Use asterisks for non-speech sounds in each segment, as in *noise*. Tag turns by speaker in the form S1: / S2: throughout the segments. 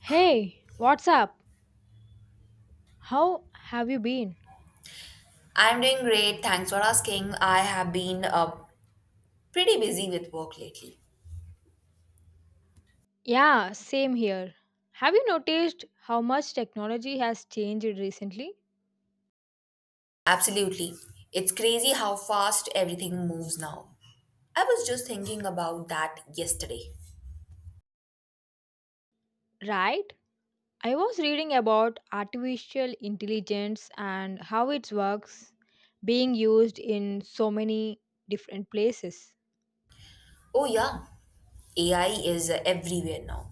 S1: Hey, what's up? How have you been?
S2: I'm doing great. Thanks for asking. I have been pretty busy with work lately.
S1: Yeah, same here. Have you noticed how much technology has changed recently?
S2: Absolutely. It's crazy how fast everything moves now. I was just thinking about that yesterday.
S1: Right? I was reading about artificial intelligence and how it works being used in so many different places.
S2: Oh, yeah. AI is everywhere now.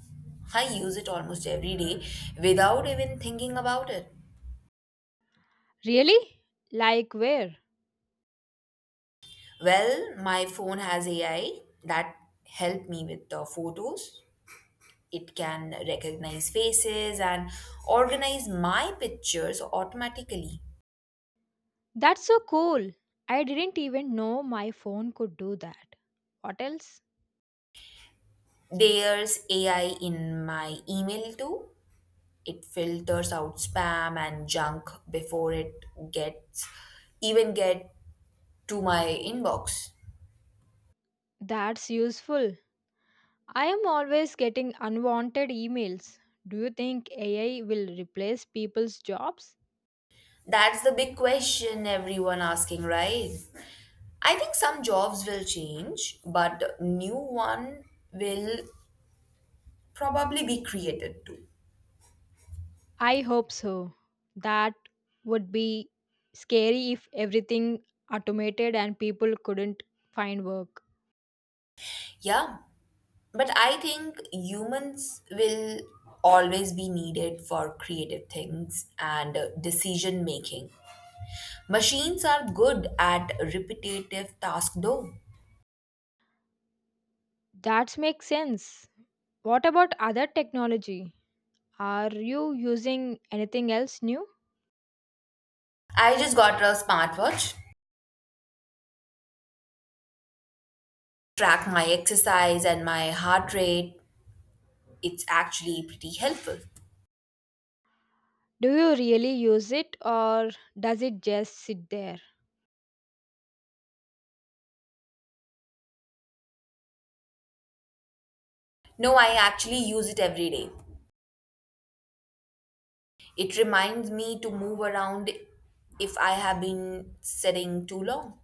S2: I use it almost every day without even thinking about it.
S1: Really? Like where?
S2: Well, my phone has AI that help me with the photos. It can recognize faces and organize my pictures automatically.
S1: That's so cool. I didn't even know my phone could do that. What else?
S2: There's AI in my email too. It filters out spam and junk before it gets even get to my inbox.
S1: That's useful. I am always getting unwanted emails. Do you think AI will replace people's jobs?
S2: That's the big question everyone asking, right? I think some jobs will change, but new one will probably be created too.
S1: I hope so. That would be scary if everything automated and people couldn't find work.
S2: Yeah, but I think humans will always be needed for creative things and decision making. Machines are good at repetitive tasks though.
S1: That makes sense. What about other technology? Are you using anything else new?
S2: I just got a smartwatch, track my exercise and my heart rate. It's actually pretty helpful.
S1: Do you really use it or does it just sit there?
S2: No, I actually use it every day. It reminds me to move around if I have been sitting too long.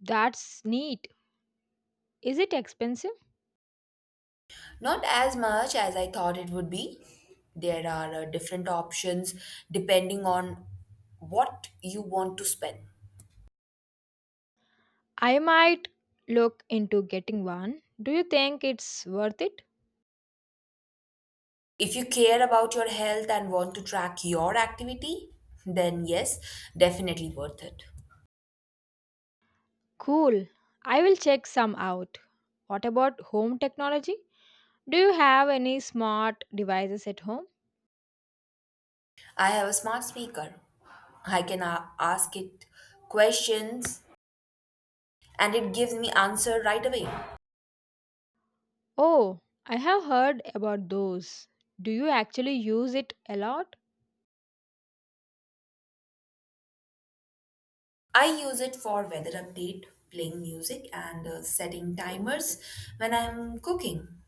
S1: That's neat. Is it expensive?
S2: Not as much as I thought it would be. There are different options depending on what you want to spend.
S1: I might look into getting one. Do you think it's worth it?
S2: If you care about your health and want to track your activity, then yes, definitely worth it.
S1: Cool. I will check some out. What about home technology? Do you have any smart devices at home?
S2: I have a smart speaker. I can ask it questions and it gives me answer right away.
S1: Oh, I have heard about those. Do you actually use it a lot?
S2: I use it for weather update, playing music, and setting timers when I'm cooking.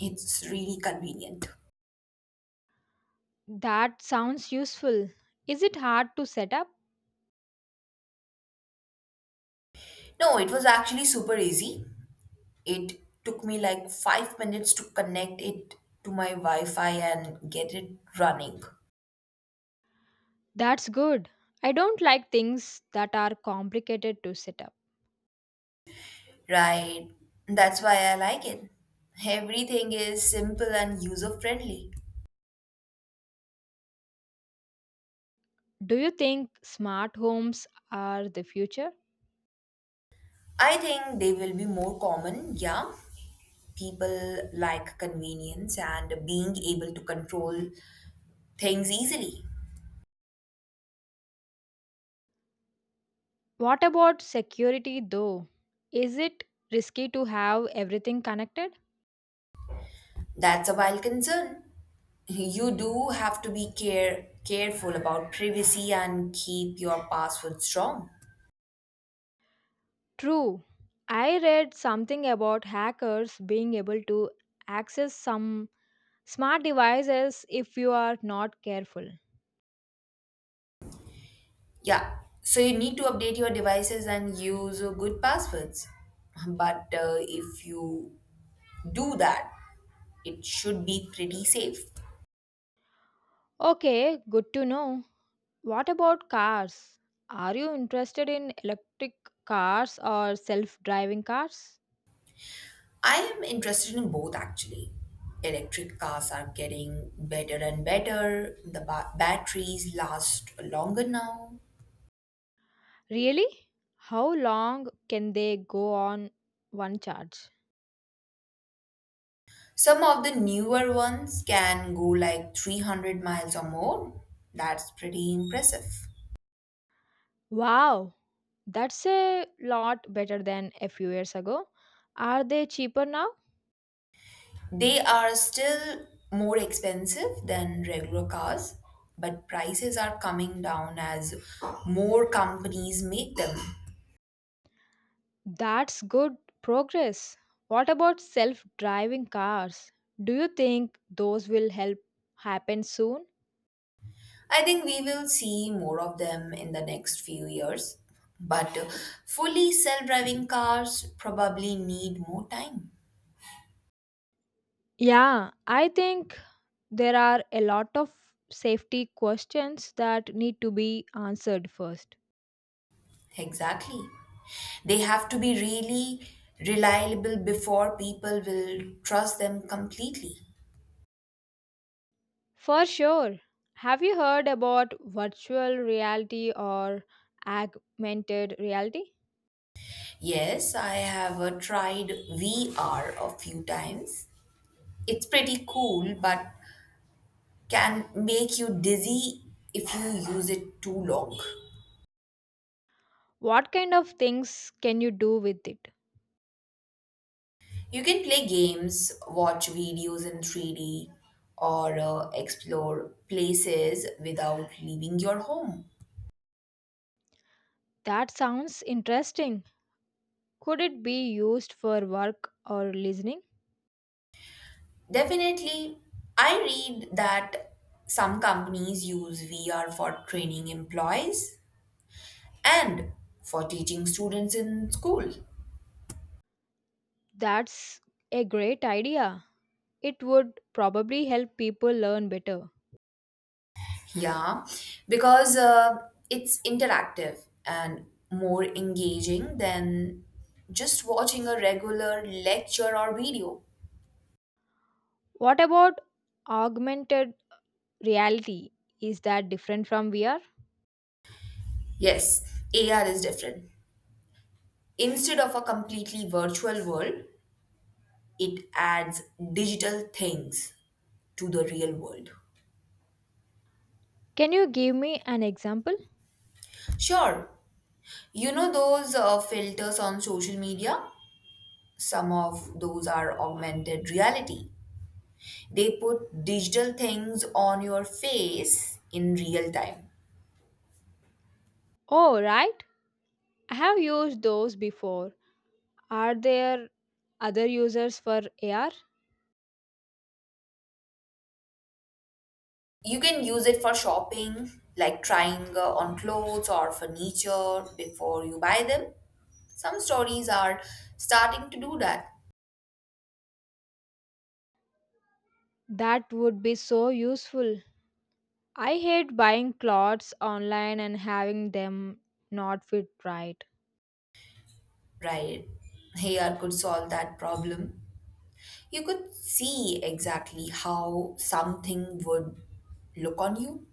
S2: It's really convenient.
S1: That sounds useful. Is it hard to set up?
S2: No, it was actually super easy. It took me like 5 minutes to connect it to my Wi Fi and get it running.
S1: That's good. I don't like things that are complicated to set up.
S2: Right, that's why I like it. Everything is simple and user friendly.
S1: Do you think smart homes are the future?
S2: I think they will be more common, yeah. People like convenience and being able to control things easily.
S1: What about security though? Is it risky to have everything connected?
S2: That's a wild concern. You do have to be careful about privacy and keep your password strong.
S1: True. I read something about hackers being able to access some smart devices if you are not careful.
S2: Yeah, so you need to update your devices and use good passwords. But if you do that, it should be pretty safe.
S1: Okay, good to know. What about cars? Are you interested in electric cars or self driving cars?
S2: I am interested in both actually. Electric cars are getting better and better. The batteries last longer now.
S1: Really? How long can they go on one charge?
S2: Some of the newer ones can go like 300 miles or more. That's pretty impressive.
S1: Wow, that's a lot better than a few years ago. Are they cheaper now?
S2: They are still more expensive than regular cars, but prices are coming down as more companies make them.
S1: That's good progress. What about self driving cars? Do you think those will help happen soon?
S2: I think we will see more of them in the next few years, but fully self driving cars probably need more time.
S1: Yeah, I think there are a lot of safety questions that need to be answered first.
S2: Exactly. They have to be really reliable before people will trust them completely.
S1: For sure. Have you heard about virtual reality or augmented reality?
S2: Yes, I have tried VR a few times. It's pretty cool, but can make you dizzy if you use it too long.
S1: What kind of things can you do with it?
S2: You can play games, watch videos in 3D, or explore places without leaving your home.
S1: That sounds interesting. Could it be used for work or listening?
S2: Definitely, I read that some companies use VR for training employees and for teaching students in school.
S1: That's a great idea. It would probably help people learn better.
S2: Yeah, because it's interactive and more engaging than just watching a regular lecture or video.
S1: What about augmented reality? Is that different from VR?
S2: Yes, AR is different. Instead of a completely virtual world, it adds digital things to the real world.
S1: Can you give me an example?
S2: Sure, you know those filters on social media? Some of those are augmented reality. They put digital things on your face in real time.
S1: Oh, right. I have used those before. Are there other users for AR?
S2: You can use it for shopping, like trying on clothes or furniture before you buy them. Some stories are starting to do that,
S1: That would be so useful. I hate buying clothes online and having them not fit right.
S2: right? AR could solve that problem. You could see exactly how something would look on you.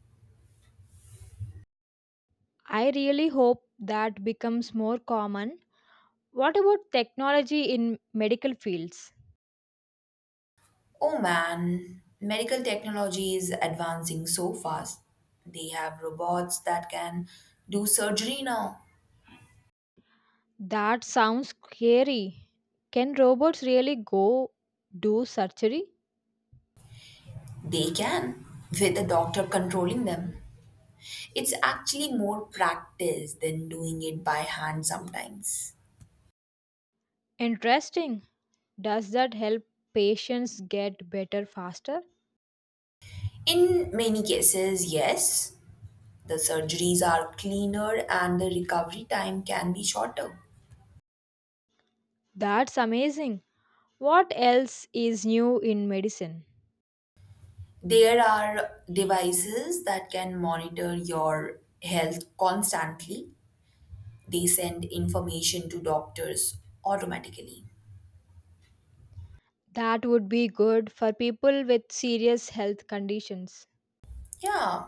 S1: I really hope that becomes more common. What about technology in medical fields?
S2: Oh man, medical technology is advancing so fast. They have robots that can do surgery now.
S1: That sounds scary. Can robots really go do surgery?
S2: They can, with a doctor controlling them. It's actually more practice than doing it by hand sometimes.
S1: Interesting. Does that help patients get better faster?
S2: In many cases, yes, the surgeries are cleaner and the recovery time can be shorter.
S1: That's amazing. What else is new in medicine?
S2: There are devices that can monitor your health constantly. They send information to doctors automatically.
S1: That would be good for people with serious health conditions.
S2: Yeah.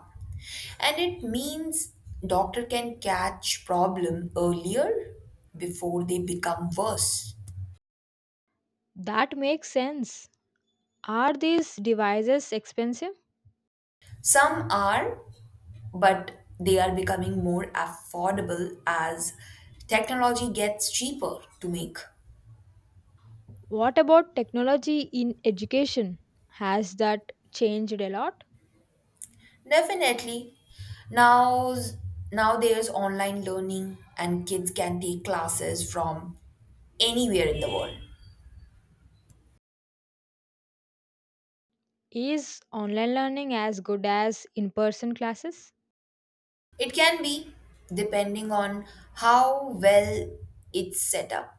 S2: And it means doctor can catch problem earlier before they become worse.
S1: That makes sense. Are these devices expensive?
S2: Some are, but they are becoming more affordable as technology gets cheaper to make.
S1: What about technology in education? Has that changed a lot?
S2: Definitely. Now, now there's online learning and kids can take classes from anywhere in the world.
S1: Is online learning as good as in person classes?
S2: It can be, depending on how well it's set up.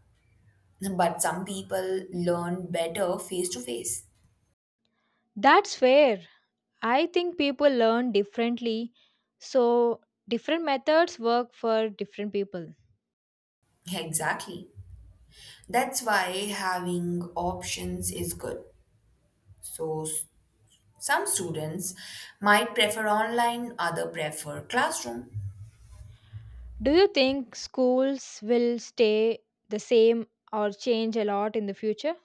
S2: But some people learn better face to face.
S1: That's fair. I think people learn differently, so different methods work for different people.
S2: Exactly. That's why having options is good. So, s- some students might prefer online, other prefer classroom.
S1: Do you think schools will stay the same or change a lot in the future?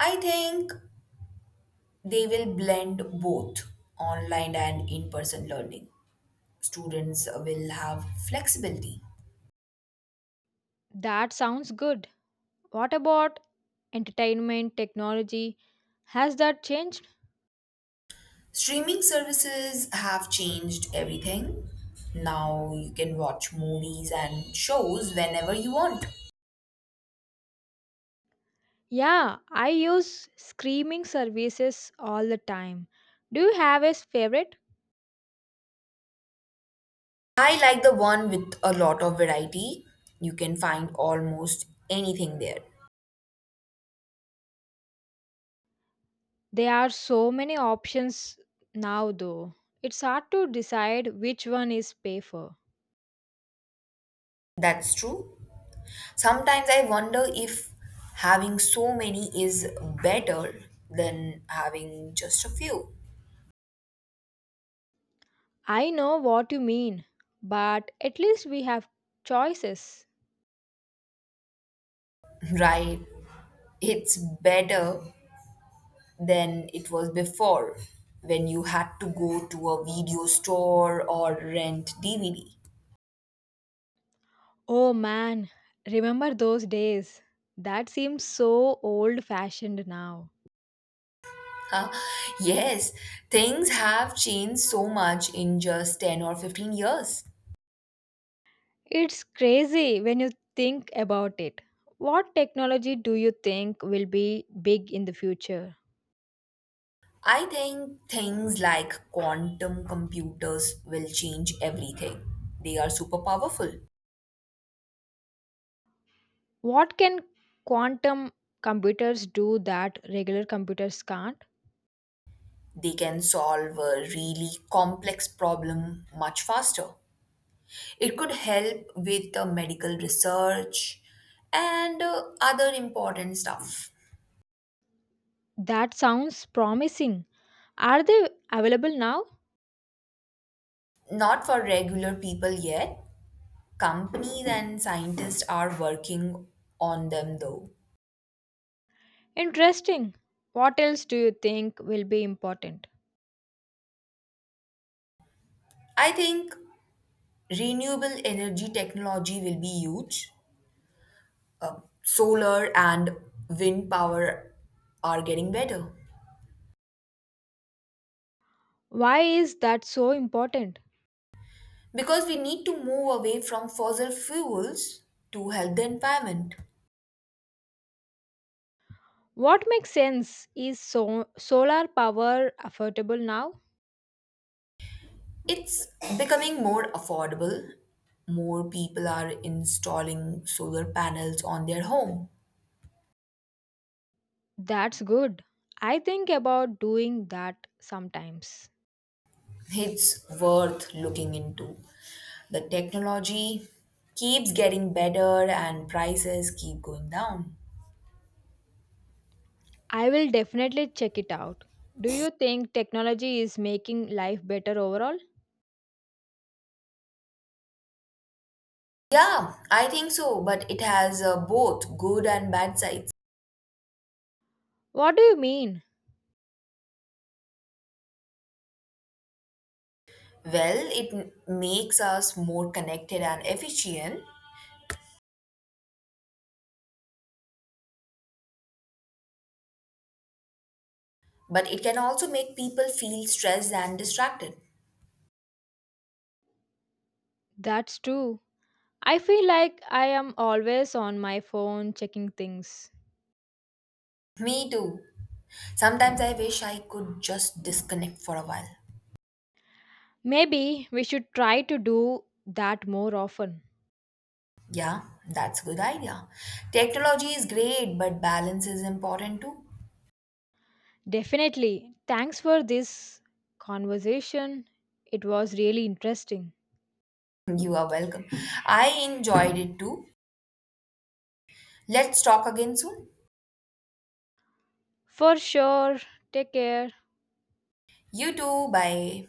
S2: I think they will blend both online and in person learning. Students will have flexibility.
S1: That sounds good. What about entertainment technology? Has that changed?
S2: Streaming services have changed everything. Now you can watch movies and shows whenever you want.
S1: Yeah, I use streaming services all the time. Do you have a favorite?
S2: I like the one with a lot of variety. You can find almost anything there.
S1: There are so many options now, though. It's hard to decide which one is safer.
S2: That's true. Sometimes I wonder if having so many is better than having just a few.
S1: I know what you mean, but at least we have choices.
S2: *laughs* Right? It's better than it was before when you had to go to a video store or rent DVD.
S1: Oh man, remember those days? That seems so old fashioned now.
S2: Huh? Yes, things have changed so much in just 10 or 15 years.
S1: It's crazy when you think about it. What technology do you think will be big in the future?
S2: I think things like quantum computers will change everything. They are super powerful.
S1: What can quantum computers do that regular computers can't?
S2: They can solve a really complex problem much faster. It could help with the medical research and other important stuff.
S1: That sounds promising. Are they available now?
S2: Not for regular people yet. Companies and scientists are working on them though.
S1: Interesting. What else do you think will be important?
S2: I think renewable energy technology will be huge. Solar and wind power are getting better
S1: Why is that so important?
S2: because we need to move away from fossil fuels to help the environment.
S1: What makes sense? Is so- solar power affordable now?
S2: It's becoming more affordable. More people are installing solar panels on their home.
S1: That's good. I think about doing that sometimes.
S2: It's worth looking into. The technology keeps getting better and prices keep going down.
S1: I will definitely check it out. Do you think technology is making life better overall?
S2: Yeah, I think so, but it has both good and bad sides.
S1: What do you mean?
S2: Well, it makes us more connected and efficient, but it can also make people feel stressed and distracted.
S1: That's true. I feel like I am always on my phone checking things.
S2: Me too. Sometimes I wish I could just disconnect for a while.
S1: Maybe we should try to do that more often.
S2: Yeah, that's a good idea. Technology is great, but balance is important too.
S1: Definitely. Thanks for this conversation. It was really interesting.
S2: You are welcome. I enjoyed it too. Let's talk again soon.
S1: For sure. Take care.
S2: You too. Bye.